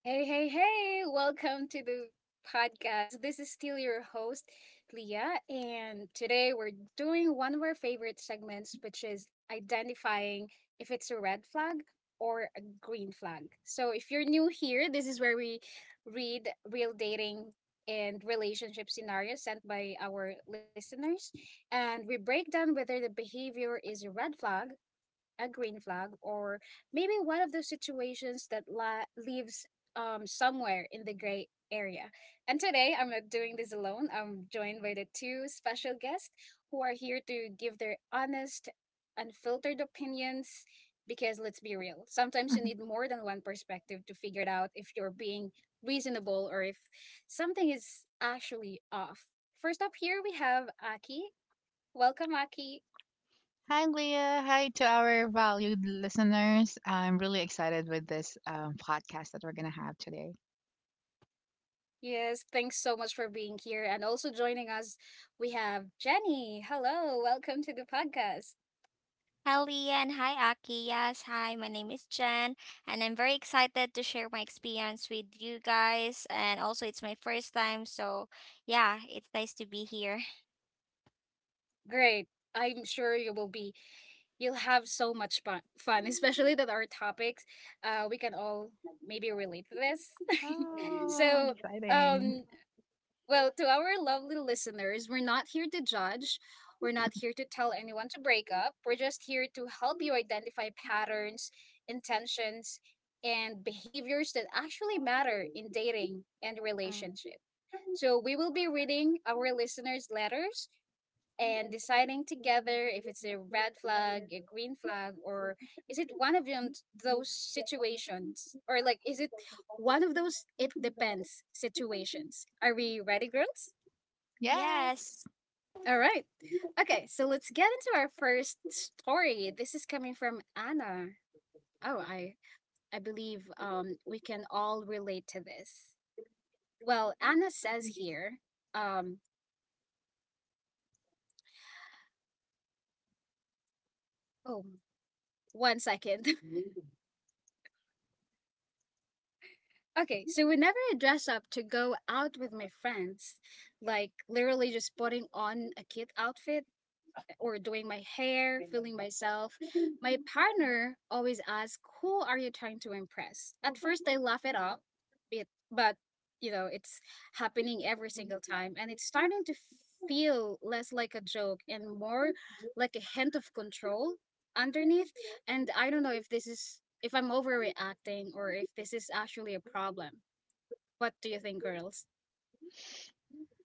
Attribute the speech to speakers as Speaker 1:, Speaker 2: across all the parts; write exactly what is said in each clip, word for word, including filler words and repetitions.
Speaker 1: Hey, hey, hey! Welcome to the podcast. This is still your host, Leah, and today we're doing one of our favorite segments, which is identifying if it's a red flag or a green flag. So, if you're new here, this is where we read real dating and relationship scenarios sent by our listeners, and we break down whether the behavior is a red flag, a green flag, or maybe one of those situations that la- leaves um somewhere in the gray area. And today I'm not doing this alone. I'm joined by the two special guests who are here to give their honest, unfiltered opinions, because let's be real, sometimes you need more than one perspective to figure it out if you're being reasonable or if something is actually off. First up here we have Aki. Welcome, Aki.
Speaker 2: Hi, Leah. Hi to our valued listeners. I'm really excited with this um, podcast that we're going to have today.
Speaker 1: Yes, thanks so much for being here and also joining us. We have Jenny. Hello, welcome to the podcast.
Speaker 3: Hi, Lian. Hi, Aki. Yes, hi. My name is Jen, and I'm very excited to share my experience with you guys. And also, it's my first time, so yeah, it's nice to be here.
Speaker 1: Great. I'm sure you will be You'll have so much fun, fun especially that our topics uh we can all maybe relate to this.
Speaker 2: Oh,
Speaker 1: so,
Speaker 2: exciting.
Speaker 1: um Well, to our lovely listeners, we're not here to judge. We're not here to tell anyone to break up. We're just here to help you identify patterns, intentions, and behaviors that actually matter in dating and
Speaker 3: Mm.
Speaker 1: relationship. So we will be reading our listeners' letters and deciding together if it's a red flag, a green flag, or is it one of them, those situations. Or like, is it one of those "it depends" situations? Are we ready, girls?
Speaker 2: Yes.
Speaker 3: Yes.
Speaker 1: All right. Okay, so let's get into our first story. This is coming from Anna. Oh, I I believe um we can all relate to this. Well, Anna says here, um oh, one second. Okay, so whenever I dress up to go out with my friends, like literally just putting on a kid outfit, eh, or doing my hair, feeling myself, my partner always asks, "Who are you trying to impress?" At first, I laugh it off, it, but you know, it's happening every single time, and it's starting to feel less like a joke and more like a hint of control underneath. And I don't know if this is if I'm overreacting or if this is actually a problem. What do you think, girls?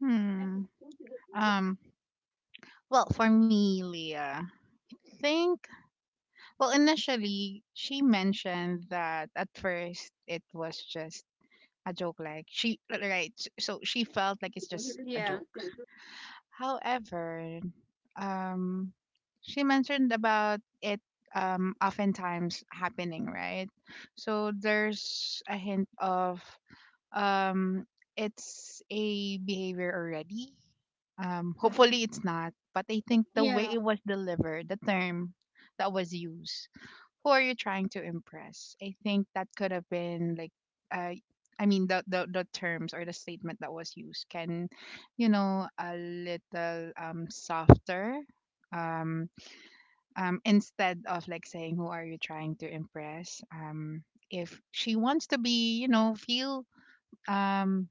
Speaker 2: Hmm. Um, well, for me, Leah, I think, well, initially, she mentioned that at first it was just a joke. Like, she, right. So she felt like it's just a
Speaker 1: Yeah.
Speaker 2: joke. However, um, she mentioned about it um, oftentimes happening, right? So there's a hint of, um, it's a behavior already. Um,
Speaker 3: Mm.
Speaker 2: hopefully, it's not, but I think the way
Speaker 1: Yeah.
Speaker 2: it was delivered, the term that was used, who are you trying to impress? I think that could have been like, uh, I mean, the, the the terms or the statement that was used can, you know, a little um softer, um, um instead of like saying, who are you trying to impress? Um, if she wants to be, you know, feel um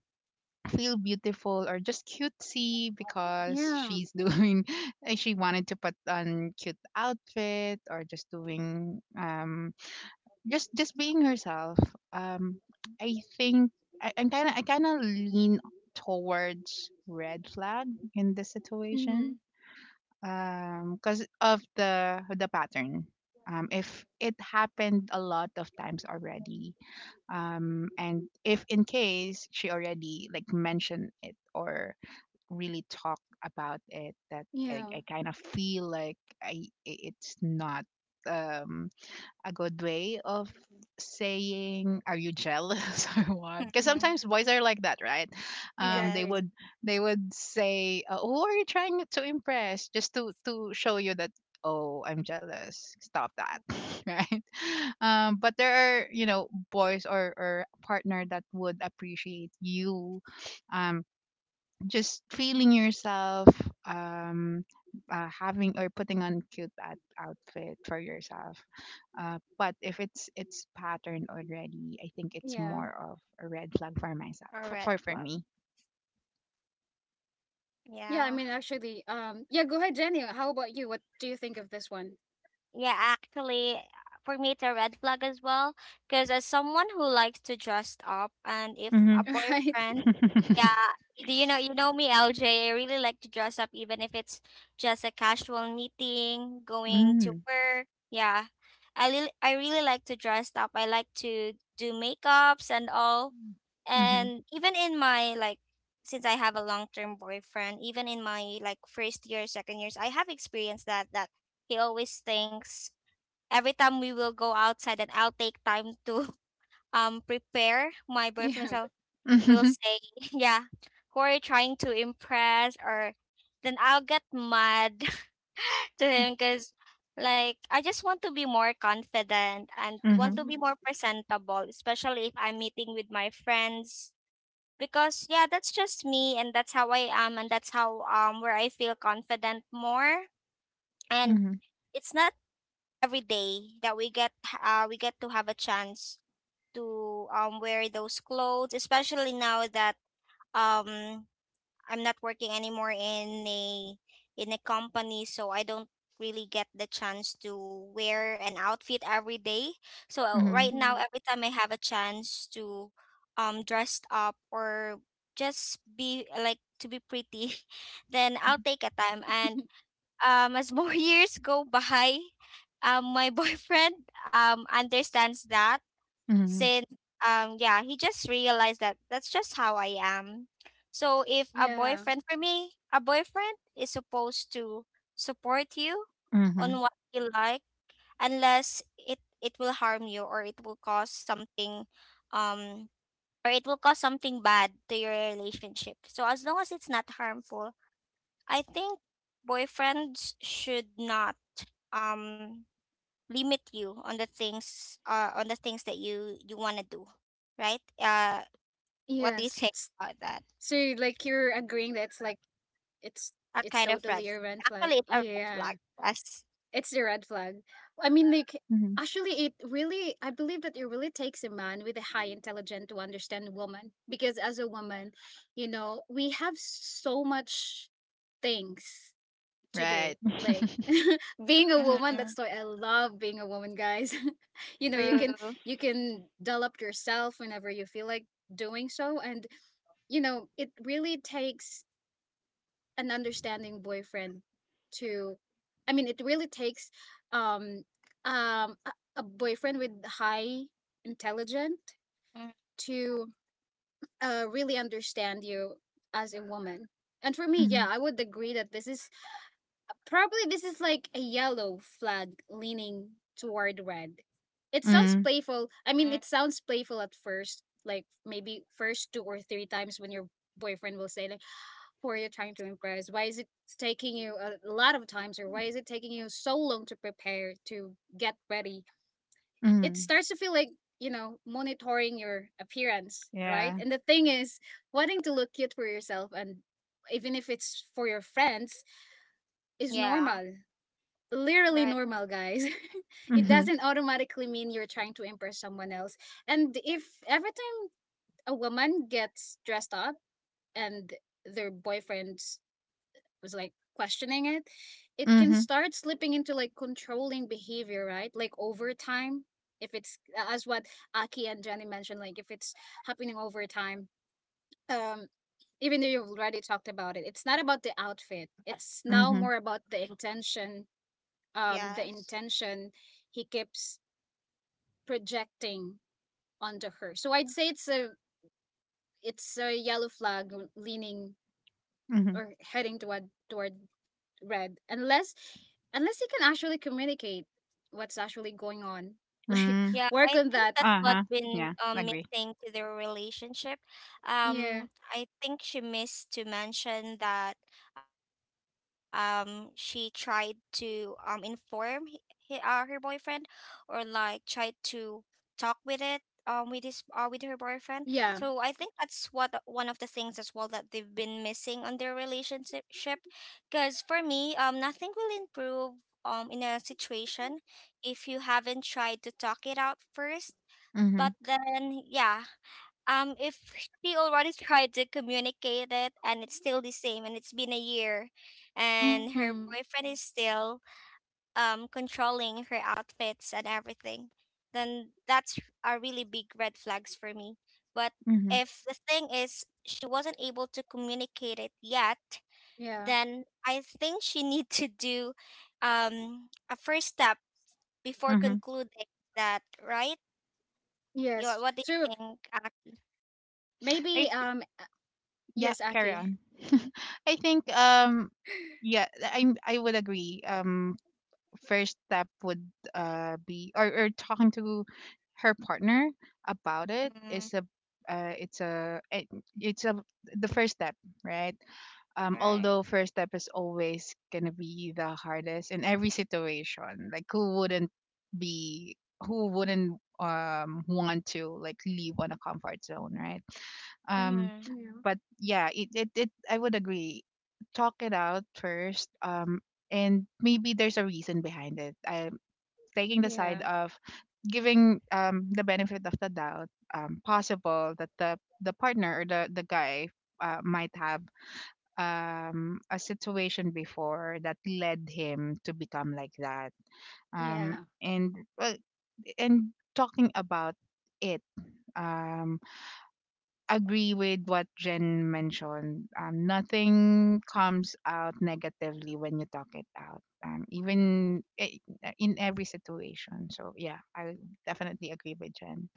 Speaker 2: feel beautiful or just cutesy because
Speaker 1: Yeah.
Speaker 2: she's doing she wanted to put on cute outfit or just doing, um just just being herself. um i think I, i'm kind of i kind of lean towards red flag in this situation,
Speaker 1: Hmm.
Speaker 2: um because of the the pattern, um if it happened a lot of times already, um and if in case she already like mentioned it or really talk about it, that, i,
Speaker 1: Yeah.
Speaker 2: I kind of feel like i i- it's not um a good way of saying, are you jealous or what? Because sometimes boys are like that, right? um they
Speaker 3: Yes.
Speaker 2: would
Speaker 1: Exactly.
Speaker 2: they would say, uh, who are you trying to impress, just to to show you that, oh, I'm jealous, stop that
Speaker 3: Yeah,
Speaker 2: right? Um but there are, you know, boys or or partner that would appreciate you, um just feeling yourself, um uh, having or putting on cute out- outfit for yourself. Uh, but if it's it's patterned already, I think it's
Speaker 1: Yeah.
Speaker 2: more of a red flag for myself,
Speaker 3: a
Speaker 2: for
Speaker 3: red
Speaker 2: for, for
Speaker 3: flag.
Speaker 2: me.
Speaker 1: Yeah. I
Speaker 3: Yeah.
Speaker 1: mean, actually, um, yeah, go ahead, Jenny. How about you? What do you think of this one?
Speaker 3: Yeah, actually, for me, it's a red flag as well. Because as someone who likes to dress up, and if
Speaker 2: Mm-hmm.
Speaker 3: a
Speaker 1: Right?
Speaker 3: boyfriend, yeah, do you know, you know me, L J. I really like to dress up, even if it's just a casual meeting, going to
Speaker 2: Mm.
Speaker 3: work. Yeah, I really, I really like to dress up. I like to do makeups and all.
Speaker 2: Mm-hmm.
Speaker 3: And even in my like, since I have a long term boyfriend, even in my like first year, second years, I have experienced that that he always thinks every time we will go outside and I'll take time to um prepare. My boyfriend
Speaker 1: Yeah.
Speaker 3: will will say, "Yeah, who are you trying to impress?" Or then I'll get mad to him because like I just want to be more confident and
Speaker 2: Mm-hmm.
Speaker 3: want to be more
Speaker 1: Hmm.
Speaker 3: presentable, especially if I'm meeting with my friends. Because yeah, that's just me and that's how I am and that's how um where I feel confident more.
Speaker 2: Mm-hmm.
Speaker 3: And
Speaker 2: Mm-hmm.
Speaker 3: it's not every day that we get uh we get to have a chance to um wear those clothes, especially now that um I'm not working anymore in a in a company, so I don't really get the chance to wear an outfit every day. So uh,
Speaker 2: Mm-hmm.
Speaker 3: right
Speaker 1: Hmm.
Speaker 3: now, every time I have a chance to um dress up or just be like to be pretty, then I'll take a time. And um, as more years go by, um, my boyfriend um understands that,
Speaker 2: Mm-hmm.
Speaker 3: since um yeah, he just realized that that's just how I am. So if a
Speaker 1: yeah.
Speaker 3: boyfriend, for me, a boyfriend is supposed to support you
Speaker 2: Mm-hmm.
Speaker 3: on what you like, unless it it will harm you or it will cause something, um, or it will cause something bad to your relationship. So as long as it's not harmful, I think boyfriends should not um limit you on the things uh on the things that you you want to do, right? Uh, what do you
Speaker 1: Yes.
Speaker 3: think
Speaker 1: S-
Speaker 3: about that?
Speaker 1: So, like, you're agreeing that it's like, it's,
Speaker 3: A
Speaker 1: it's
Speaker 3: kind of red.
Speaker 1: totally a red flag.
Speaker 3: Actually, it's a red
Speaker 1: Yeah.
Speaker 3: flag. Yes.
Speaker 1: It's the red flag. I mean, like,
Speaker 2: Mm-hmm.
Speaker 1: actually, it really, I believe that it really takes a man with a high intelligence to understand woman. Because as a woman, you know, we have so much things to do.
Speaker 2: Right.
Speaker 1: Like, being a woman,
Speaker 3: Mm-hmm.
Speaker 1: that's why I love being a woman, guys. You know, you can
Speaker 3: True.
Speaker 1: you can develop yourself whenever you feel like doing so, and you know, it really takes an understanding boyfriend to I mean it really takes um um a, a boyfriend with high intelligent to uh really understand you as a woman. And for me,
Speaker 2: Mm-hmm.
Speaker 1: yeah, I would agree that this is probably this is like a yellow flag leaning toward red. It sounds
Speaker 2: Mm-hmm.
Speaker 1: playful. I mean,
Speaker 3: Mm-hmm.
Speaker 1: it sounds playful at first, like maybe first two or three times when your boyfriend will say like, "for are you trying to impress? Why is it taking you a lot of times, or why is it taking you so long to prepare to get ready?" It starts to feel like, you know, monitoring your appearance, right?
Speaker 2: Yeah.
Speaker 1: And the thing is, wanting to look cute for yourself, and even if it's for your friends, is
Speaker 3: Yeah.
Speaker 1: normal. Literally
Speaker 3: Right.
Speaker 1: normal, guys. It
Speaker 2: Mm-hmm.
Speaker 1: doesn't automatically mean you're trying to impress someone else. And if every time a woman gets dressed up and their boyfriend was like questioning it, it can
Speaker 2: Mm-hmm.
Speaker 1: start slipping into like controlling behavior, right? Like over time, if it's as what Aki and Jenny mentioned, like if it's happening over time, um, even though you've already talked about it, it's not about the outfit. It's now
Speaker 2: Mm-hmm.
Speaker 1: more about the intention, um, the
Speaker 3: Yes.
Speaker 1: intention he keeps projecting onto her. So I'd say it's a it's a yellow flag leaning or heading toward toward read, unless unless you can actually communicate what's actually going on. Like,
Speaker 2: Mm-hmm.
Speaker 3: Yeah,
Speaker 1: work
Speaker 3: I
Speaker 1: on
Speaker 3: think
Speaker 1: that.
Speaker 3: that's
Speaker 1: Mm,
Speaker 3: what
Speaker 2: Uh-huh.
Speaker 3: been
Speaker 2: Yeah,
Speaker 3: um,
Speaker 2: agree.
Speaker 3: missing to their relationship.
Speaker 1: yeah.
Speaker 3: Um, I think she missed to mention that um, she tried to um, inform he, he- uh, her boyfriend, or like tried to talk with it um, with his uh, with her boyfriend.
Speaker 1: Yeah.
Speaker 3: So I think that's what uh, one of the things as well that they've been missing on their relationship. Because for me, um, nothing will improve um, in a situation if you haven't tried to talk it out first. But
Speaker 2: Mhm.
Speaker 3: then, yeah, um, if she already tried to communicate it and it's still the same and it's been a year and her
Speaker 1: Mm,
Speaker 3: boyfriend is still um controlling her outfits and everything, then that's a really big red flags for me. But
Speaker 2: Mhm.
Speaker 3: if the thing is she wasn't able to communicate it yet,
Speaker 1: yeah.
Speaker 3: then I think she need to do um a first step before
Speaker 2: Mhm.
Speaker 3: concluding that, right? You,
Speaker 1: Yes.
Speaker 3: what do
Speaker 1: So
Speaker 3: you think, Aki?
Speaker 2: I
Speaker 1: maybe
Speaker 2: th-
Speaker 1: um uh,
Speaker 2: yeah,
Speaker 1: yes,
Speaker 2: carry
Speaker 1: Aki.
Speaker 2: on. I think, um yeah, I I would agree. Um first step would uh be, or, or talking to her partner about it
Speaker 3: Mm,
Speaker 2: is a uh, it's a it, it's a the first step, right? Um,
Speaker 3: right.
Speaker 2: although first step is always gonna be the hardest in every situation, like, who wouldn't be who wouldn't um want to, like, leave on a comfort zone, right? um
Speaker 3: Mm.
Speaker 1: Yeah.
Speaker 2: but yeah, it, it, it I would agree. Talk it out first. Um and maybe there's a reason behind it. I'm taking the
Speaker 1: Yeah.
Speaker 2: side of giving um the benefit of the doubt. Um possible that the the partner or the the guy, uh, might have, um, a situation before that led him to become like that. Um,
Speaker 1: Yeah.
Speaker 2: and Well, and talking about it, um, agree with what Jen mentioned. Um, nothing comes out negatively when you talk it out. Um, even i- in every situation. So yeah, I definitely agree with Jen.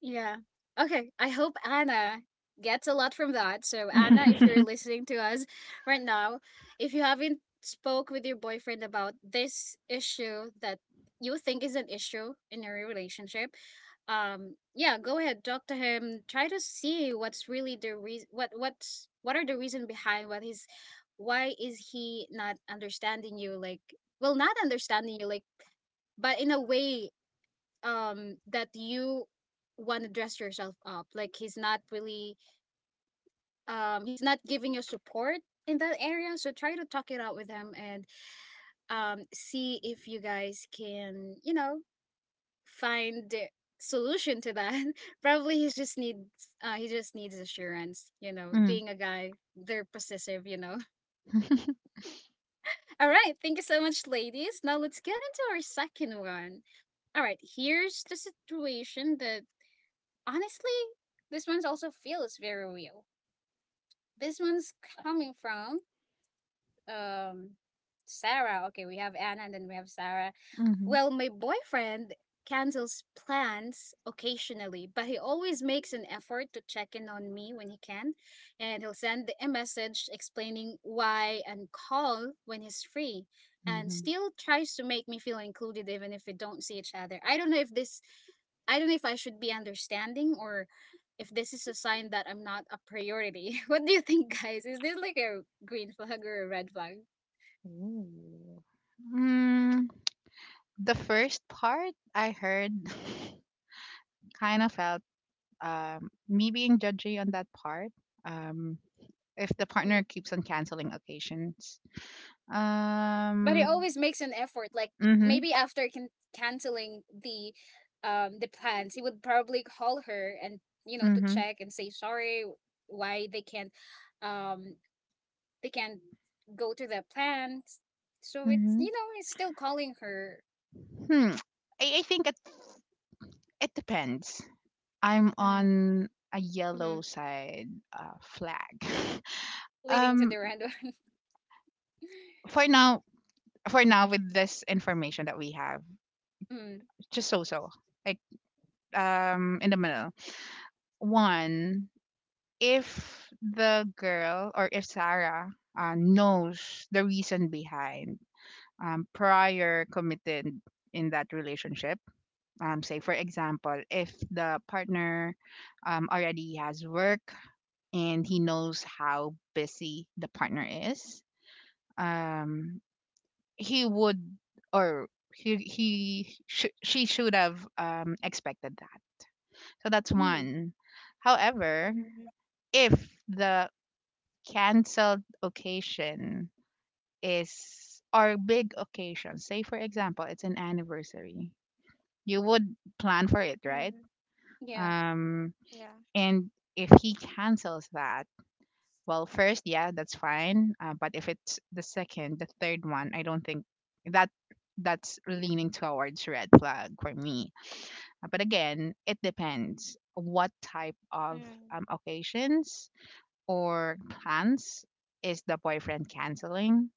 Speaker 1: Yeah. Okay. I hope Anna gets a lot from that. So Anna, if you're
Speaker 2: Mm.
Speaker 1: listening to us right now, if you haven't spoke with your boyfriend about this issue that you think is an issue in your relationship, um, yeah, go ahead, talk to him. Try to see what's really the reason. What what's what are the reason behind what he's, why is he not understanding you? Like, well, not understanding you, like, but in a way um that you want to dress yourself up, like he's not really um he's not giving you support in that area. So try to talk it out with him and um see if you guys can, you know, find a solution to that. Probably he just needs uh he just needs assurance, you know, being a guy they're possessive, you know. All right, thank you so much, ladies. Now let's get into our second one. All right, here's the situation that, honestly, this one's also feels very real. This one's coming from um Sarah. Okay, we have Anna and then we have Sarah.
Speaker 2: Hmm,
Speaker 1: Well, my boyfriend cancels plans occasionally, but he always makes an effort to check in on me when he can, and he'll send a message explaining why and call when he's free. And
Speaker 2: hmm.
Speaker 1: still tries to make me feel included even if we don't see each other. I don't know if this I don't know if I should be understanding or if this is a sign that I'm not a priority. What do you think, guys? Is this like a green flag or a red flag?
Speaker 2: Ooh. Mm, the first part I heard kind of felt, um, me being judgy on that part. Um, if the
Speaker 1: Mhm.
Speaker 2: partner keeps on canceling occasions.
Speaker 1: But he
Speaker 2: Um.
Speaker 1: always makes an effort. Like,
Speaker 2: Mhm.
Speaker 1: maybe after can- canceling the um the plans, he would probably call her and, you know, to
Speaker 2: Mhm.
Speaker 1: check and say sorry why they can't um they can't go to the plans. So it's,
Speaker 2: Mhm.
Speaker 1: you know, he's still calling her.
Speaker 2: Hmm. I, I think it it depends. I'm
Speaker 3: Mm.
Speaker 2: on a
Speaker 1: Hmm,
Speaker 2: yellow side, uh, flag.
Speaker 1: leading to
Speaker 2: um.
Speaker 1: the red one.
Speaker 2: For now. For now, with this information that we have,
Speaker 1: Mm.
Speaker 2: just so so. Like, um in the middle. One, if the girl or if Sarah, uh, knows the reason behind, um, prior committed in that relationship, um, say for example, if the partner um, already has work and he knows how busy the partner is, um, he would, or he he sh- she should have, um, expected that. So that's
Speaker 1: Mm.
Speaker 2: one. However,
Speaker 3: Mm.
Speaker 2: if the canceled occasion is, or big occasion, say for example it's an anniversary, you would plan for it,
Speaker 3: Mm,
Speaker 2: right?
Speaker 1: Yeah.
Speaker 2: um
Speaker 3: yeah.
Speaker 2: and if he cancels that, well, first, yeah, that's fine. Uh, but if it's the second, the third one, I don't think that that's leaning towards red flag for me. Uh, but again, it depends what type of,
Speaker 3: Mm.
Speaker 2: um, occasions or plans is the boyfriend canceling.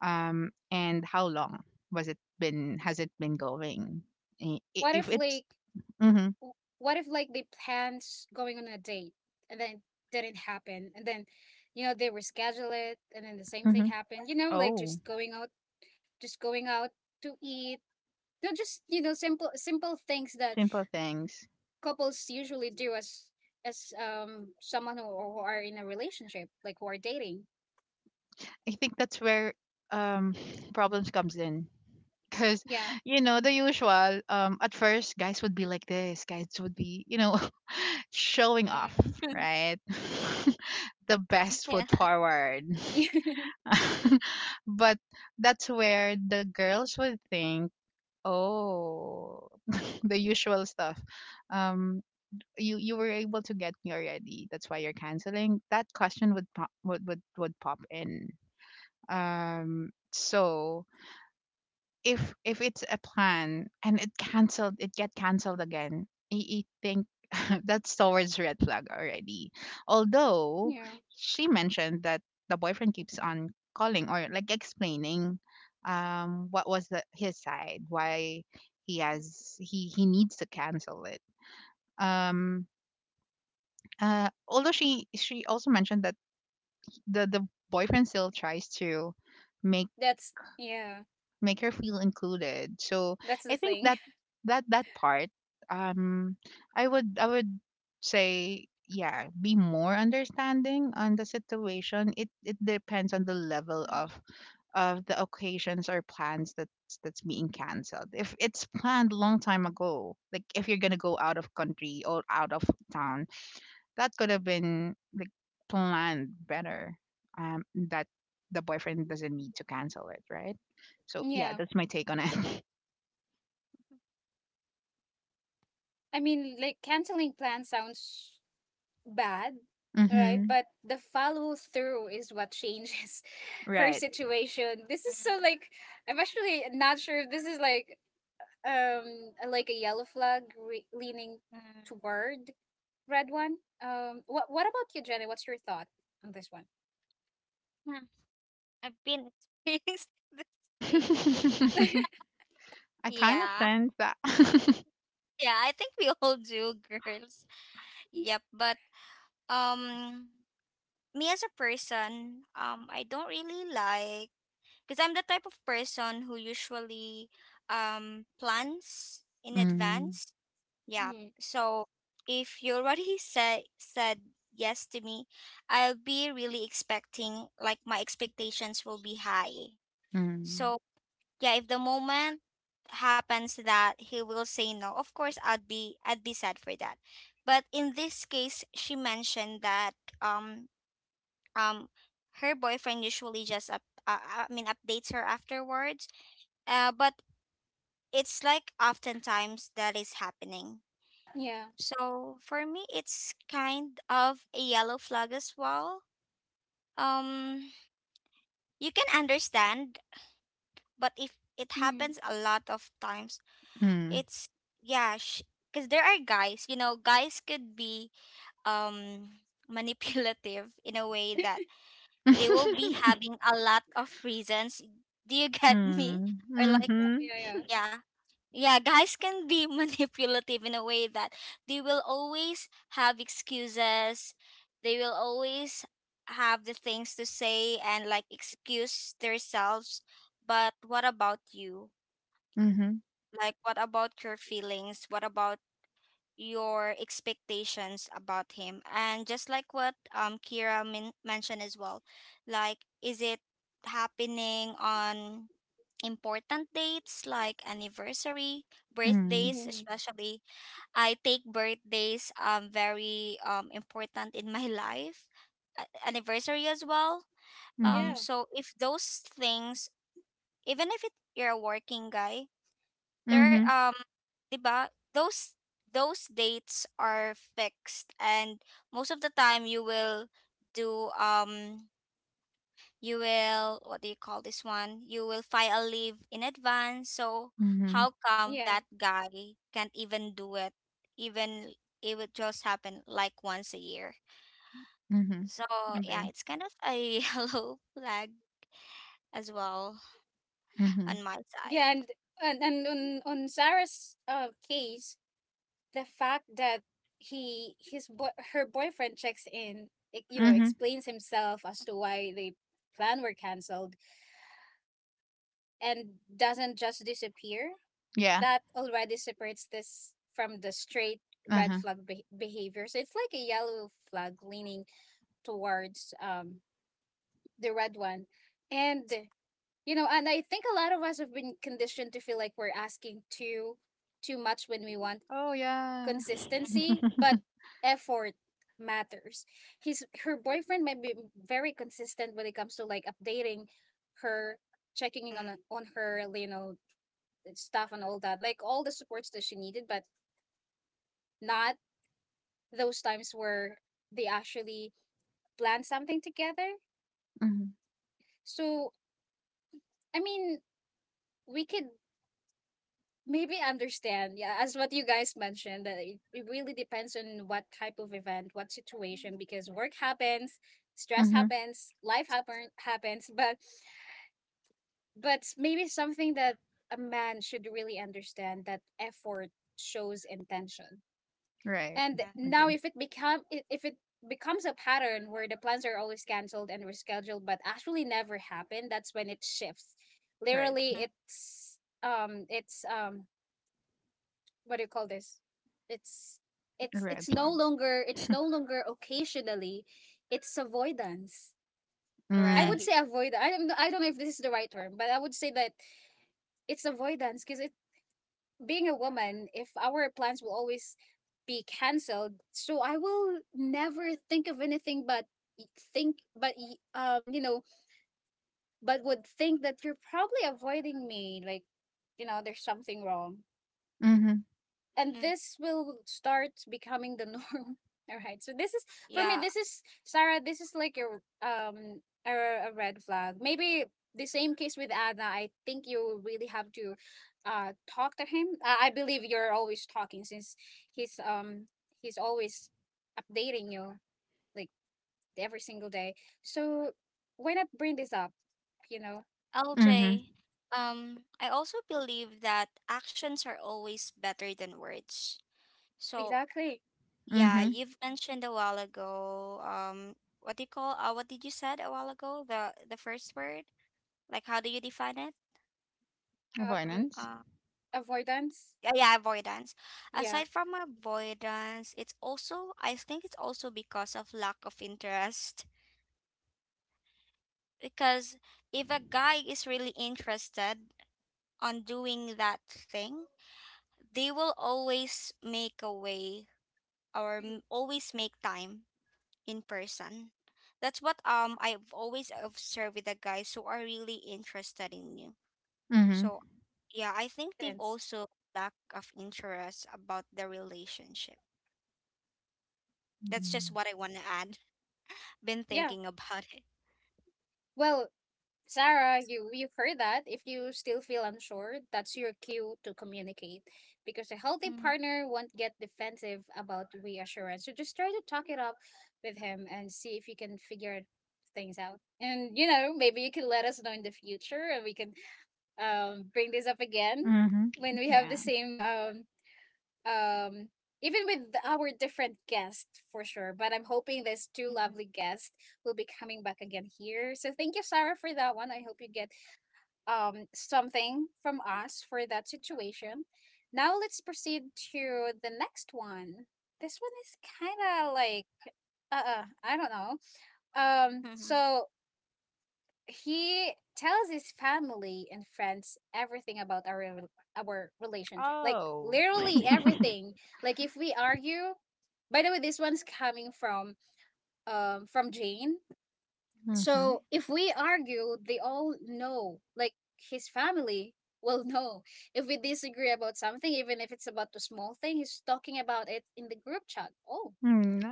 Speaker 2: Um, and how long was it been has it been going? I- i-
Speaker 1: What if
Speaker 2: If it's.
Speaker 1: like,
Speaker 2: Mm-hmm,
Speaker 1: w- what if like they planned s- going on a date and then didn't happen, and then you know they reschedule it and then the same thing
Speaker 2: mm-hmm.
Speaker 1: happened, you know, like
Speaker 2: Oh,
Speaker 1: just going out, just going out to eat. No, just, you know, simple simple things that
Speaker 2: simple things.
Speaker 1: couples usually do as as um someone who, who are in a relationship, like who are dating.
Speaker 2: I think that's where, um problems comes in. Cause,
Speaker 1: Yeah.
Speaker 2: you know, the usual. Um, at first, guys would be like this. Guys would be, you know, showing off,
Speaker 3: Mm.
Speaker 2: right? The best
Speaker 3: Yeah.
Speaker 2: foot forward.
Speaker 1: Yeah,
Speaker 2: But that's where the girls would think, oh, the usual stuff. Um, you you were able to get me already. That's why you're canceling. That question would pop, would would, would pop in. Um, so if if it's a plan and it canceled, it get canceled again, i, I think that's towards red flag already, although she mentioned that the boyfriend keeps on calling or like explaining, um what was the his side, why he has he he needs to cancel it. um uh Although she she also mentioned that the the boyfriend still tries to make
Speaker 1: that's yeah,
Speaker 2: make her feel included. So
Speaker 1: that's the
Speaker 2: I think
Speaker 1: thing.
Speaker 2: that, that that part, um, I would I would say yeah, be more understanding on the situation. It it depends on the level
Speaker 3: Mm.
Speaker 2: of, of the occasions or plans that's, that's being cancelled. If it's planned long time ago, like if you're gonna go out of country or out of town, that could have been like planned better. Um, that the boyfriend doesn't need to cancel it, right? So yeah,
Speaker 1: Yeah,
Speaker 2: that's my take on it.
Speaker 1: I mean, like, canceling plans sounds bad, right?
Speaker 2: Mm-hmm.
Speaker 1: But the follow through is what changes her
Speaker 2: Right.
Speaker 1: situation. This
Speaker 3: Mm.
Speaker 1: is so like, I'm actually not sure if this is like um like a yellow flag re- leaning
Speaker 3: Mm.
Speaker 1: toward red one. Um, what what about you, Jenny? What's your thought on this one?
Speaker 3: Hmm, I've been experiencing these things.
Speaker 2: I kind of
Speaker 3: Yeah.
Speaker 2: sense that.
Speaker 3: Yeah, I think we all do, girls. Yep, but um me as a person, um I don't really like, because I'm the type of person who usually um plans in
Speaker 2: Mm.
Speaker 3: advance. Yeah.
Speaker 1: Mm,
Speaker 3: So if you already said said yes to me, I'll be really expecting, like my expectations will be high.
Speaker 2: Mm.
Speaker 3: So yeah, if the moment happens that he will say no, of course I'd be I'd be sad for that. But in this case, she mentioned that um um her boyfriend usually just up, uh, I mean updates her afterwards, uh, but it's like oftentimes that is happening.
Speaker 1: yeah.
Speaker 3: So for me, it's kind of a yellow flag as well. Um, you can understand, but if it happens
Speaker 1: Mm,
Speaker 3: a lot of times,
Speaker 2: Mm.
Speaker 3: it's, yeah, because there are guys. You know, guys could be um manipulative in a way that they will be having a lot of reasons. Do you get me?
Speaker 2: Mm,
Speaker 3: Or like,
Speaker 1: yeah.
Speaker 2: mhm,
Speaker 1: Yeah. Yeah.
Speaker 3: yeah, yeah, guys can be manipulative in a way that they will always have excuses, they will always have the things to say and like excuse themselves. But what about you,
Speaker 2: mhm,
Speaker 3: like what about your feelings, what about your expectations about him? And just like what um Kira min- mentioned as well, like, is it happening on important dates like anniversary,
Speaker 2: mm,
Speaker 3: birthdays
Speaker 1: Mm,
Speaker 3: especially. I take birthdays um very um important in my life, a- anniversary as well.
Speaker 2: mhm,
Speaker 3: Um
Speaker 1: yeah.
Speaker 3: so if those things, even if it, you're a working guy, there are,
Speaker 2: mhm,
Speaker 3: um 'di ba? Those those dates are fixed, and most of the time you will do um you will what do you call this one, you will file a leave in advance. So
Speaker 2: mhm,
Speaker 3: how come
Speaker 1: Yeah.
Speaker 3: that guy can't even do it, even it would just happen like once a year?
Speaker 2: mhm.
Speaker 3: So yeah,
Speaker 2: Agree.
Speaker 3: it's kind of a yellow flag as well
Speaker 2: Mhm,
Speaker 3: on my side.
Speaker 1: Yeah. And and, and on on Sarah's uh, case, the fact that he his boy her boyfriend checks in, e- you know,
Speaker 2: mhm.
Speaker 1: explains himself as to why the plan were canceled and doesn't just disappear,
Speaker 2: Yeah.
Speaker 1: that already separates this from the straight
Speaker 2: Uh
Speaker 1: red
Speaker 2: huh.
Speaker 1: flag be- behavior. So it's like a yellow flag leaning towards um the red one. And you know, and I think a lot of us have been conditioned to feel like we're asking too too much when we want
Speaker 2: Oh yeah.
Speaker 1: consistency, but effort matters. His her boyfriend might be very consistent when it comes to like updating her, checking in
Speaker 3: Mm.
Speaker 1: on on her, you know, stuff and all that, like all the supports that she needed, but not those times where they actually plan something together.
Speaker 2: Mhm,
Speaker 1: So I mean, we could maybe understand, yeah, as what you guys mentioned, that it, it really depends on what type of event, what situation, because work happens, stress
Speaker 2: mhm.
Speaker 1: happens, life happen, happens. But but maybe something that a man should really understand, that effort shows intention.
Speaker 2: Right.
Speaker 1: And
Speaker 3: Yeah.
Speaker 1: now
Speaker 2: Agree.
Speaker 1: if it become i- if it becomes a pattern where the plans are always canceled and rescheduled but actually never happen, that's when it shifts.
Speaker 2: Right.
Speaker 1: Literally, it's um it's um what do you call this? It's
Speaker 2: A
Speaker 1: it's
Speaker 2: red
Speaker 1: it's no
Speaker 2: flag.
Speaker 1: longer, it's no longer occasionally, it's avoidance. I would
Speaker 2: Mm.
Speaker 1: say
Speaker 3: Right.
Speaker 1: avoid. I don't know. I don't know if this is the right term, but I would say that it's avoidance because it being a woman, if our plans will always be cancelled, so I will never think of anything but y- think but y- um you know but would think that you're probably avoiding me, like you know there's something wrong
Speaker 2: Mhm.
Speaker 1: and
Speaker 3: Mm.
Speaker 1: this will start becoming the norm. All right. So this is for me.
Speaker 3: Yeah.
Speaker 1: This is Sarah. This is like your um a, a red flag. Maybe the same case with Anna. I think you really have to uh talk to him. Uh, I believe you're always talking since he's um he's always updating you, like every single day. So why not bring this up? You know,
Speaker 2: Mhm.
Speaker 3: L J, um, I also believe that actions are always better than words. So,
Speaker 1: exactly.
Speaker 3: yeah,
Speaker 2: Mhm.
Speaker 3: you've mentioned a while ago, um, what do you call, uh, what did you said a while ago? The the first word? Like, how do you define it?
Speaker 1: Um,
Speaker 2: Avoidance.
Speaker 3: Uh,
Speaker 1: Avoidance.
Speaker 3: yeah, yeah, avoidance.
Speaker 1: Yeah.
Speaker 3: Aside from avoidance, it's also, I think it's also because of lack of interest. Because if a guy is really interested on doing that thing, they will always make a way, or
Speaker 1: Mm,
Speaker 3: m- always make time in person. That's what um I've always observed with the guys who are really interested in you.
Speaker 2: Mhm.
Speaker 3: So yeah, I think they've
Speaker 1: sense.
Speaker 3: also lack of interest about the relationship. That's just
Speaker 2: Mm.
Speaker 3: what I want to add. Been
Speaker 1: Yeah.
Speaker 3: thinking about it.
Speaker 1: Well, Sarah, you you've heard that. If you still feel unsure, that's your cue to communicate. Because a healthy
Speaker 3: Mm.
Speaker 1: partner won't get defensive about reassurance. So just try to talk it up with him and see if you can figure things out. And you know, maybe you can let us know in the future and we can um bring this up again
Speaker 2: Mhm.
Speaker 1: when we have the
Speaker 2: Yeah.
Speaker 1: same um um even with our different guests for sure. But I'm hoping these two
Speaker 3: Mm.
Speaker 1: lovely guests will be coming back again here. So thank you, Sarah, for that one. I hope you get um, something from us for that situation. Now let's proceed to the next one. This one is kind of like, uh, uh, I don't know. Um,
Speaker 3: Mhm.
Speaker 1: so he tells his family and friends everything about our rel- our relationship, like
Speaker 2: Oh.
Speaker 1: literally everything. Like
Speaker 3: Mm.
Speaker 1: if we argue, by the way, this one's coming from um from Jane.
Speaker 2: Mhm.
Speaker 3: Okay.
Speaker 1: So if we argue, they all know, like his family will know. If we disagree about something, even if it's about a small thing, he's talking about it in the group chat. Oh,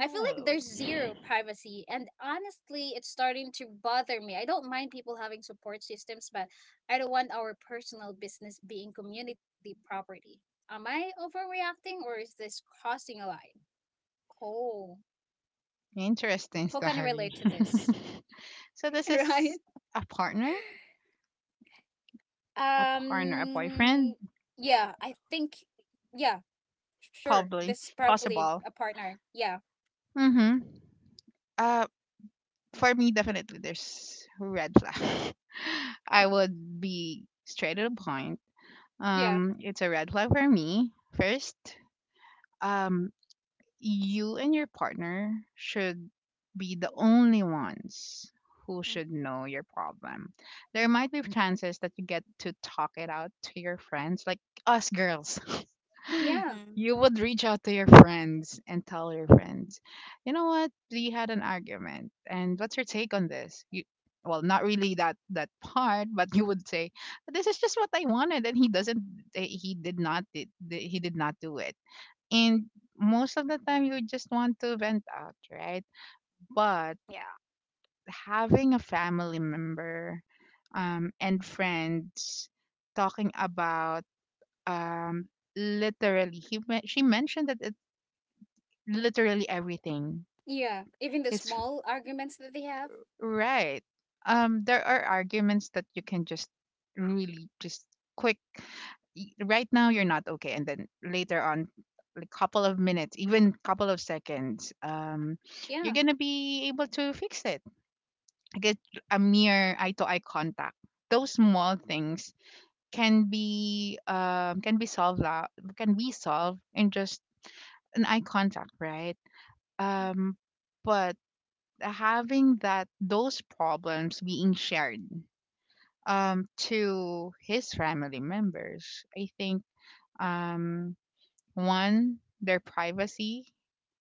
Speaker 1: I feel like there's zero privacy. And honestly, it's starting to bother me. I don't mind people having support systems, but I don't want our personal business being community property. Am I overreacting or is this crossing a line? Oh,
Speaker 2: Interesting
Speaker 1: who can
Speaker 2: story.
Speaker 1: relate to this?
Speaker 2: So this
Speaker 1: Right?
Speaker 2: is a partner, a partner, a
Speaker 1: Um,
Speaker 2: boyfriend,
Speaker 1: yeah, I think, yeah, sure.
Speaker 2: probably.
Speaker 1: This is probably
Speaker 2: Possible.
Speaker 1: a partner. Yeah,
Speaker 2: Mhm. Uh, for me, definitely there's red flag. I
Speaker 3: Mm.
Speaker 2: would be straight to the point.
Speaker 1: yeah,
Speaker 2: Um, it's a red flag for me. First, um, you and your partner should be the only ones who
Speaker 3: Mm.
Speaker 2: should know your problem. There might be chances that you get to talk it out to your friends, like us girls.
Speaker 1: yeah,
Speaker 3: Mhm.
Speaker 2: You would reach out to your friends and tell your friends, you know what, we had an argument, and what's your take on this? You, well, not really that that part, but you would say, this is just what I wanted, and he doesn't, eh, he did not, did, he did not do it. And most of the time you just want to vent out, right? But
Speaker 3: Yeah.
Speaker 2: having a family member, um, and friends, talking about, um, literally, he men- she mentioned that it literally everything
Speaker 1: yeah. Even the
Speaker 2: is,
Speaker 1: small arguments that they have.
Speaker 2: right? Um there are arguments that you can just, really just, quick, y- right now you're not okay, and then later on, like, couple of minutes, even couple of seconds, um you're
Speaker 1: Yeah,
Speaker 2: gonna be able to fix it. Get a mere eye to eye contact. Those small things can be, um can be solved, la- can be solved in just an eye contact, right?
Speaker 3: Mm.
Speaker 2: um but having that, those problems being shared, um to his family members, I think, um one, their privacy,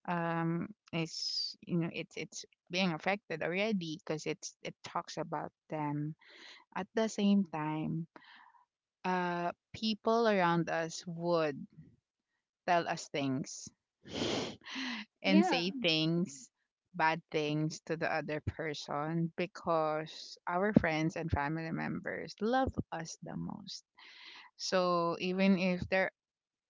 Speaker 2: um, is, you know, it's it's being affected already because it's it talks about them. At the same time, uh, people around us would tell us things and
Speaker 1: yeah,
Speaker 2: say things, bad things, to the other person, because our friends and family members love us the most. So even if there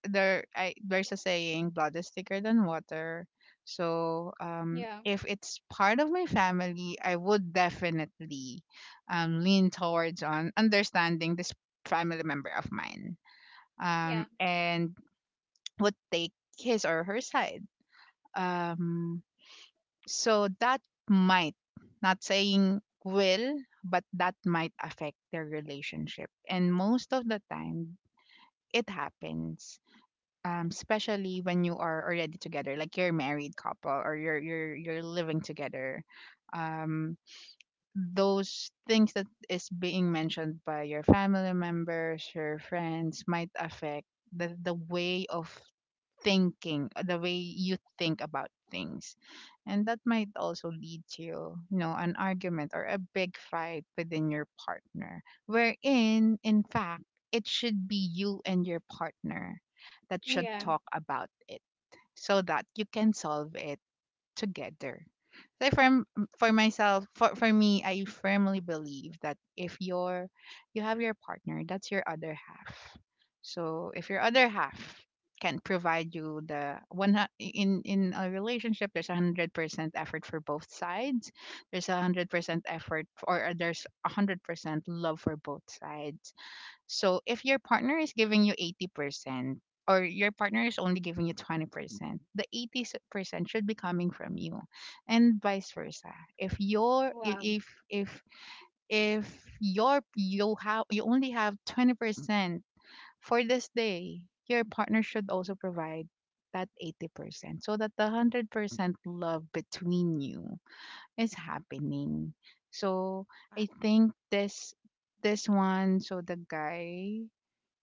Speaker 2: there I there's a saying, blood is thicker than water. So, um
Speaker 1: yeah,
Speaker 2: if it's part of my family, I would definitely um lean towards on understanding this family member of mine. Um
Speaker 1: yeah,
Speaker 2: and would take his or her side. Um so that might, not saying will, but that might affect their relationship. And most of the time it happens, um especially when you are already together, like you're a married couple or you're you're you're living together. um those things that is being mentioned by your family members, your friends, might affect the the way of thinking, uh, the way you think about things. And that might also lead to, you know, an argument or a big fight within your partner, wherein in fact it should be you and your partner that should
Speaker 1: yeah.
Speaker 3: Mm.
Speaker 2: talk about it so that you can solve it together. So for m- for myself, for for me, I firmly believe that if you're you have your partner, that's your other half. So if your other half can provide you the one hu- in in a relationship, there's a hundred percent effort for both sides. There's a hundred percent effort, f- or there's a hundred percent love for both sides. So if your partner is giving you eighty percent or your partner is only giving you twenty percent, the eighty percent should be coming from you and vice versa. If your i-
Speaker 1: Wow.
Speaker 2: if if if your you have you only have twenty percent for this day, your partner should also provide that eighty percent so that the one hundred percent love between you is happening. So
Speaker 3: uh,
Speaker 2: I think this this one, so the guy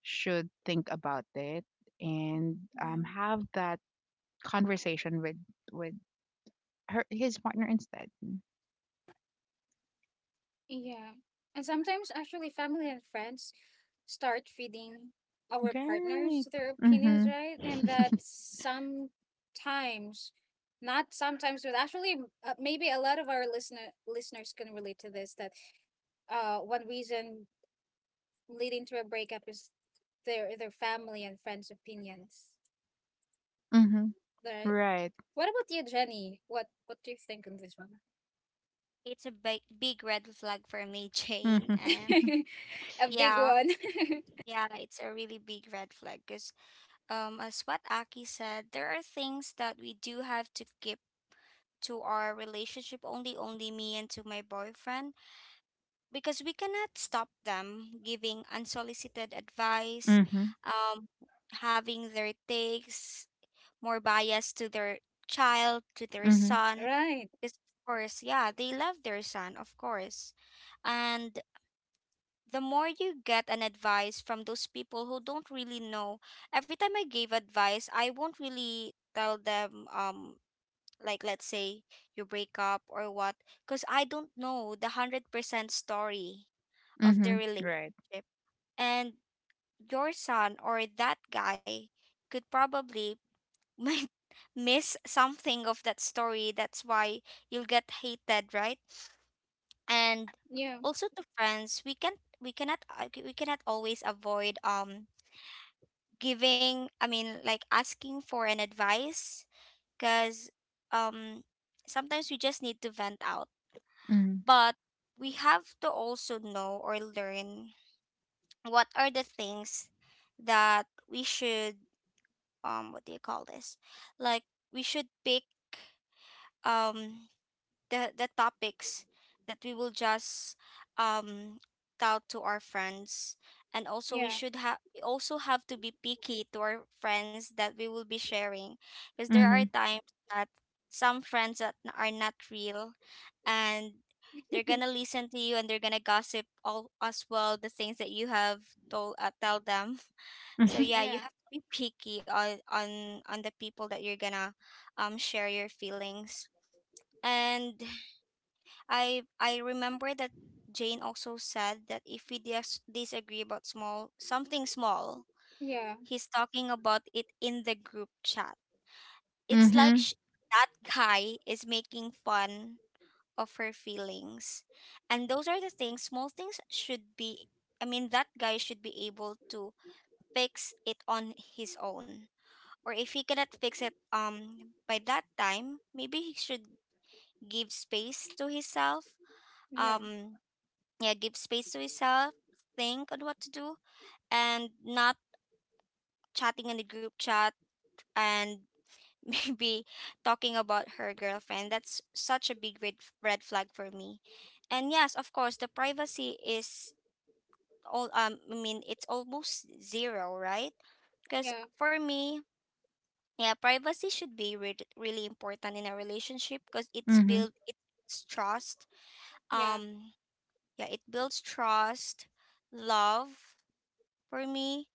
Speaker 2: should think about it and, um,
Speaker 3: mm.
Speaker 2: have that conversation with, with her his partner instead.
Speaker 1: Yeah. And sometimes actually family and friends start feeding our
Speaker 2: Right.
Speaker 1: partners their opinions,
Speaker 2: Mm-hmm.
Speaker 1: right? And that sometimes, not sometimes, but actually uh, maybe a lot of our listener listeners can relate to this that uh one reason leading to a breakup is their their family and friends' opinions.
Speaker 2: Mm-hmm.
Speaker 1: Right.
Speaker 2: Right.
Speaker 1: What about you, Jenny? What what do you think on this one?
Speaker 3: It's a big, big red flag for me, Jane.
Speaker 2: Mm-hmm.
Speaker 1: A big
Speaker 3: Yeah,
Speaker 1: one.
Speaker 3: yeah, it's a really big red flag because, um, as what Aki said, there are things that we do have to keep to our relationship, only only me and to my boyfriend, because we cannot stop them giving unsolicited advice,
Speaker 2: Mm-hmm.
Speaker 3: um, having their takes more biased to their child, to their
Speaker 2: Mm-hmm.
Speaker 3: son.
Speaker 1: Right.
Speaker 3: Because of course, yeah, they love their son, of course. And the more you get an advice from those people who don't really know. Every time I gave advice, I won't really tell them, um like, let's say you break up or what, because I don't know the one hundred percent story of the
Speaker 2: Mm-hmm. Right.
Speaker 3: relationship, and your son or that guy could probably might miss something of that story, that's why you'll get hated, right? And
Speaker 1: Yeah.
Speaker 3: also, to friends, we can we cannot uh, we cannot always avoid um giving I mean, like, asking for an advice, because um sometimes we just need to vent out.
Speaker 2: Mm-hmm.
Speaker 3: But we have to also know or learn what are the things that we should, um what do you call this, like, we should pick um the the topics that we will just um tout to our friends. And also, we
Speaker 1: Yeah.
Speaker 3: should have we also have to be picky to our friends that we will be sharing, because there are
Speaker 2: Mm-hmm.
Speaker 3: times that some friends that n- are not real, and they're gonna listen to you and they're gonna gossip all as well the things that you have told uh, tell them. So yeah, you
Speaker 1: Yeah.
Speaker 3: have to be picky on on on the people that you're gonna um share your feelings. And I I remember that Jane also said that if we dis- disagree about small something small,
Speaker 1: Yeah,
Speaker 3: he's talking about it in the group chat. It's like
Speaker 2: Mm-hmm.
Speaker 3: sh- that guy is making fun of her feelings. And those are the things, small things should be I mean, that guy should be able to fix it on his own. Or if he cannot fix it um by that time, maybe he should give space to himself.
Speaker 1: yeah,
Speaker 3: Um yeah, give space to yourself, think on what to do, and not chatting in the group chat and be talking about her girlfriend. That's such a big red, red flag for me. And yes, of course the privacy is all um I mean, it's almost zero, right? Because
Speaker 1: yeah,
Speaker 3: for me, yeah, privacy should be re- really important in a relationship, because it's
Speaker 2: Mm-hmm.
Speaker 3: build it's trust
Speaker 1: yeah,
Speaker 3: um yeah, it builds trust, love, for me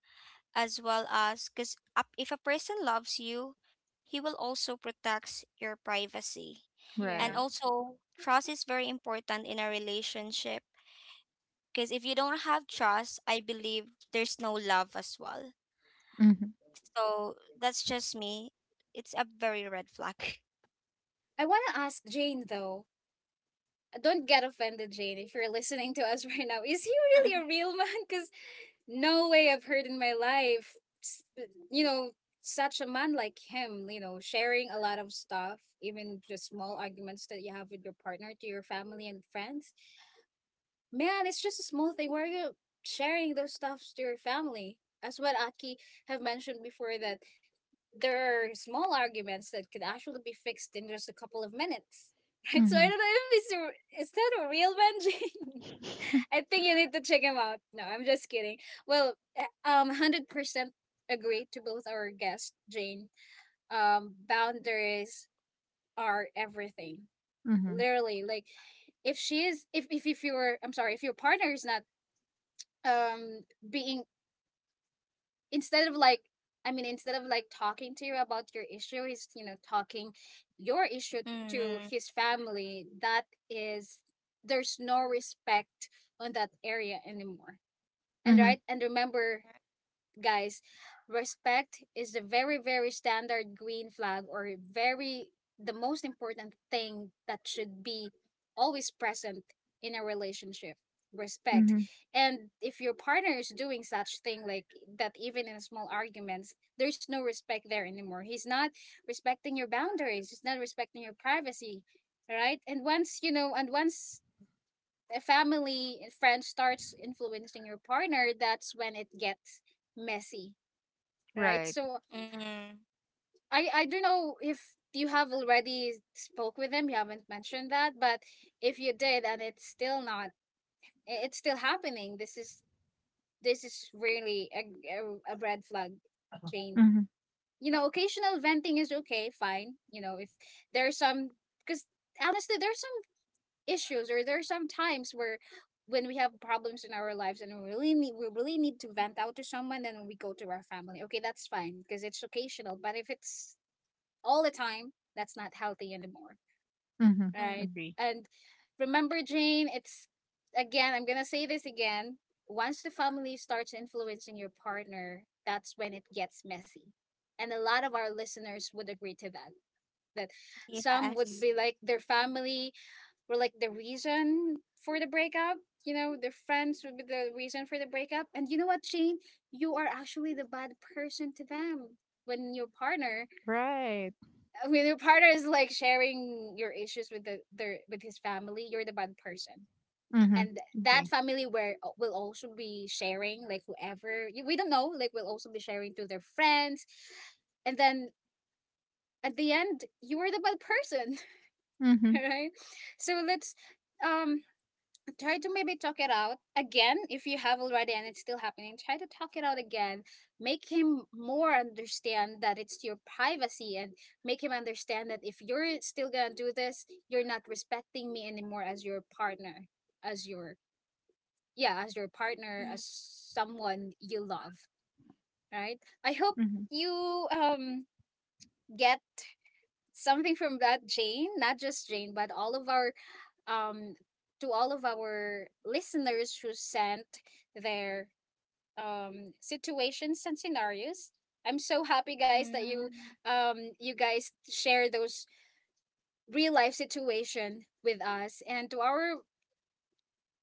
Speaker 3: as well. As because, if a person loves you, he will also protects your privacy. And
Speaker 1: yeah.
Speaker 2: Right.
Speaker 3: also, trust is very important in a relationship, because if you don't have trust, I believe there's no love as well.
Speaker 2: Mm-hmm.
Speaker 3: So that's just me. It's a very red flag.
Speaker 1: I want to ask Jane though. Uh, Don't get offended, Jane, if you're listening to us right now. Is he really a real man? Because no way I've heard in my life, s- uh, you know, such a man like him, you know, sharing a lot of stuff, even just small arguments that you have with your partner to your family and friends. Man, it's just a small thing. Why are you sharing those stuffs to your family. As what Aki have mentioned before that there are small arguments that could actually be fixed in just a couple of minutes. Right? So I
Speaker 2: Mm-hmm.
Speaker 1: don't know if this is a- is that a real Benji. I think you need to check him out. No, I'm just kidding. Well, uh, um, one hundred percent agree to both our guests, Jane. Um, boundaries are everything.
Speaker 2: Mm-hmm.
Speaker 1: Literally, like if she is, if if if your, I'm sorry, if your partner is not um being instead of like I mean, instead of like talking to you about your issue, he's, you know, talking your issue to
Speaker 3: Mm.
Speaker 1: his family. That is, there's no respect on that area anymore. And
Speaker 2: Mm-hmm.
Speaker 1: right, and remember, guys, respect is the very, very standard green flag, or very the most important thing that should be always present in a relationship. Respect.
Speaker 2: Mm-hmm.
Speaker 1: And if your partner is doing such thing like that even in small arguments, there's no respect there anymore. He's not respecting your boundaries, he's not respecting your privacy. Right? And once you know and once a family and friend starts influencing your partner, that's when it gets messy, right?
Speaker 2: Right.
Speaker 1: So
Speaker 3: Mm.
Speaker 1: I I don't know if you have already spoke with them. You haven't mentioned that, but if you did and it's still not, i- it's still happening. This is this is really a a, a red flag, Jane.
Speaker 2: Mm-hmm.
Speaker 1: You know, occasional venting is okay, fine. You know, if there's some, because honestly, there's some issues or there are some times where when we have problems in our lives and we really need we really need to vent out to someone, then we go to our family, okay, that's fine because it's occasional, but if it's all the time, that's not healthy anymore,
Speaker 2: Mm-hmm.
Speaker 3: Mm.
Speaker 1: right?
Speaker 2: Agree.
Speaker 1: And remember, Jane, it's again, I'm going to say this again. Once the family starts influencing your partner, that's when it gets messy. And a lot of our listeners would agree to that. That some would
Speaker 3: Yes.
Speaker 1: be like their family were like the reason for the breakup. You know, their friends would be the reason for the breakup. And you know what, Jane? You are actually the bad person to them when your partner
Speaker 2: Right.
Speaker 1: when your partner is like sharing your issues with the their with his family, you're the bad person.
Speaker 2: Mm-hmm.
Speaker 1: And that
Speaker 2: Agree.
Speaker 1: family where uh, will also be sharing, like whoever you- we don't know, like will also be sharing to their friends. And then at the end, you are the bad person,
Speaker 2: Mm-hmm.
Speaker 1: right? So let's um try to maybe talk it out again. If you have already and it's still happening, try to talk it out again, make him more understand that it's your privacy, and make him understand that if you're still gonna do this, you're not respecting me anymore as your partner, as your, yeah, as your partner,
Speaker 3: Mm.
Speaker 1: as someone you love, right? I hope
Speaker 2: Mm-hmm.
Speaker 1: you um get something from that, Jane, not just Jane, but all of our um to all of our listeners who sent their um situations and scenarios. I'm so happy, guys, that you
Speaker 3: Mm.
Speaker 1: um you guys share those real life situation with us, and to our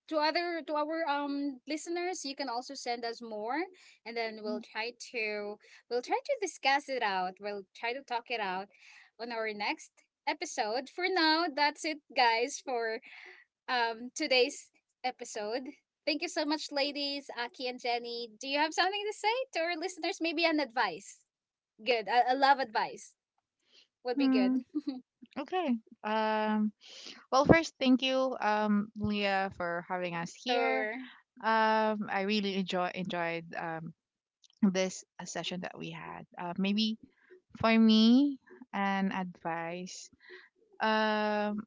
Speaker 1: to other to our um listeners, you can also send us more, and then we'll try to we'll try to discuss it out, we'll try to talk it out on our next episode. For now, that's it, guys, for um today's episode. Thank you so much, ladies, Aki and Jenny. Do you have something to say to our listeners, maybe an advice? Good, i, I love advice would be good
Speaker 2: Mm, okay. Um Well, first, thank you, um, Leah, for having us here.
Speaker 1: or
Speaker 2: Um, I really enjoy enjoyed, um, this uh, session that we had. Uh, maybe for me, an advice. Um,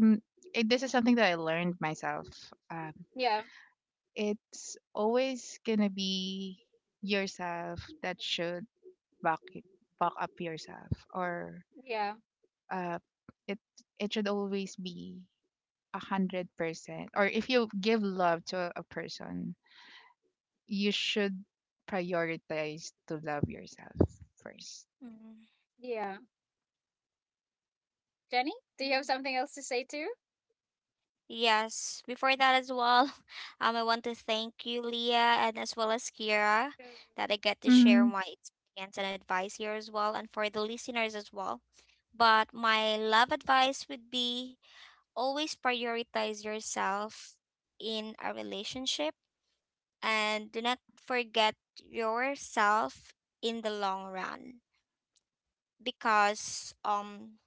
Speaker 2: n- it, this is something that I learned myself. Um,
Speaker 1: yeah,
Speaker 2: it's always gonna be yourself that should back back up yourself, or,
Speaker 1: yeah,
Speaker 2: uh, it it should always be a hundred percent, or if you give love to a, a person, you should prioritize to love yourself first.
Speaker 3: Mm.
Speaker 1: yeah. Jenny, do you have
Speaker 3: Yeah.
Speaker 1: something else to say too?
Speaker 3: Yes, before that as well, um, I want to thank you, Leah, and as well as Kira, that I get to share
Speaker 2: Mm.
Speaker 3: my experience and advice here as well, and for the listeners as well. But my love advice would be, always prioritize yourself in a relationship and do not forget yourself in the long run, because um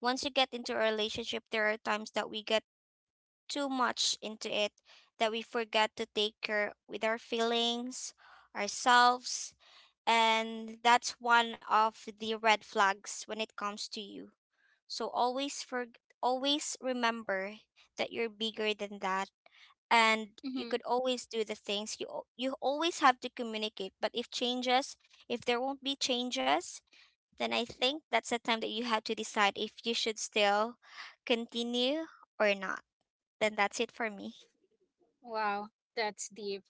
Speaker 3: once you get into a relationship, there are times that we get too much into it, that we forget to take care with our feelings, ourselves, and that's one of the red flags when it comes to you. So always for always remember that you're bigger than that, and you
Speaker 1: Mm-hmm.
Speaker 3: could always do the things, you al- you always have to communicate, but if changes if there won't be changes, then I think that's the time that you have to decide if you should still continue or not. Then that's it for me.
Speaker 1: Wow, that's deep.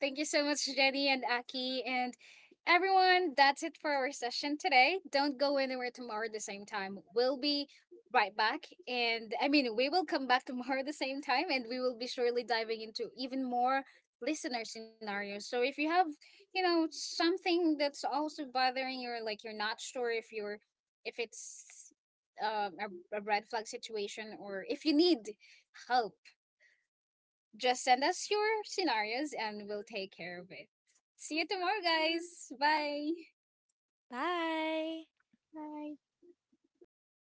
Speaker 1: Thank you so much, Jenny and Aki. And everyone, that's it for our session today. Don't go anywhere. Tomorrow at the same time, we'll be right back. And I mean, we will come back tomorrow at the same time and we will be surely diving into even more listener scenarios. So if you have, you know, something that's also bothering you, or like you're not sure if you're, if it's, um, a, a red flag situation, or if you need help, just send us your scenarios and we'll take care of it. See you tomorrow, guys. Bye.
Speaker 3: Bye.
Speaker 2: Nice.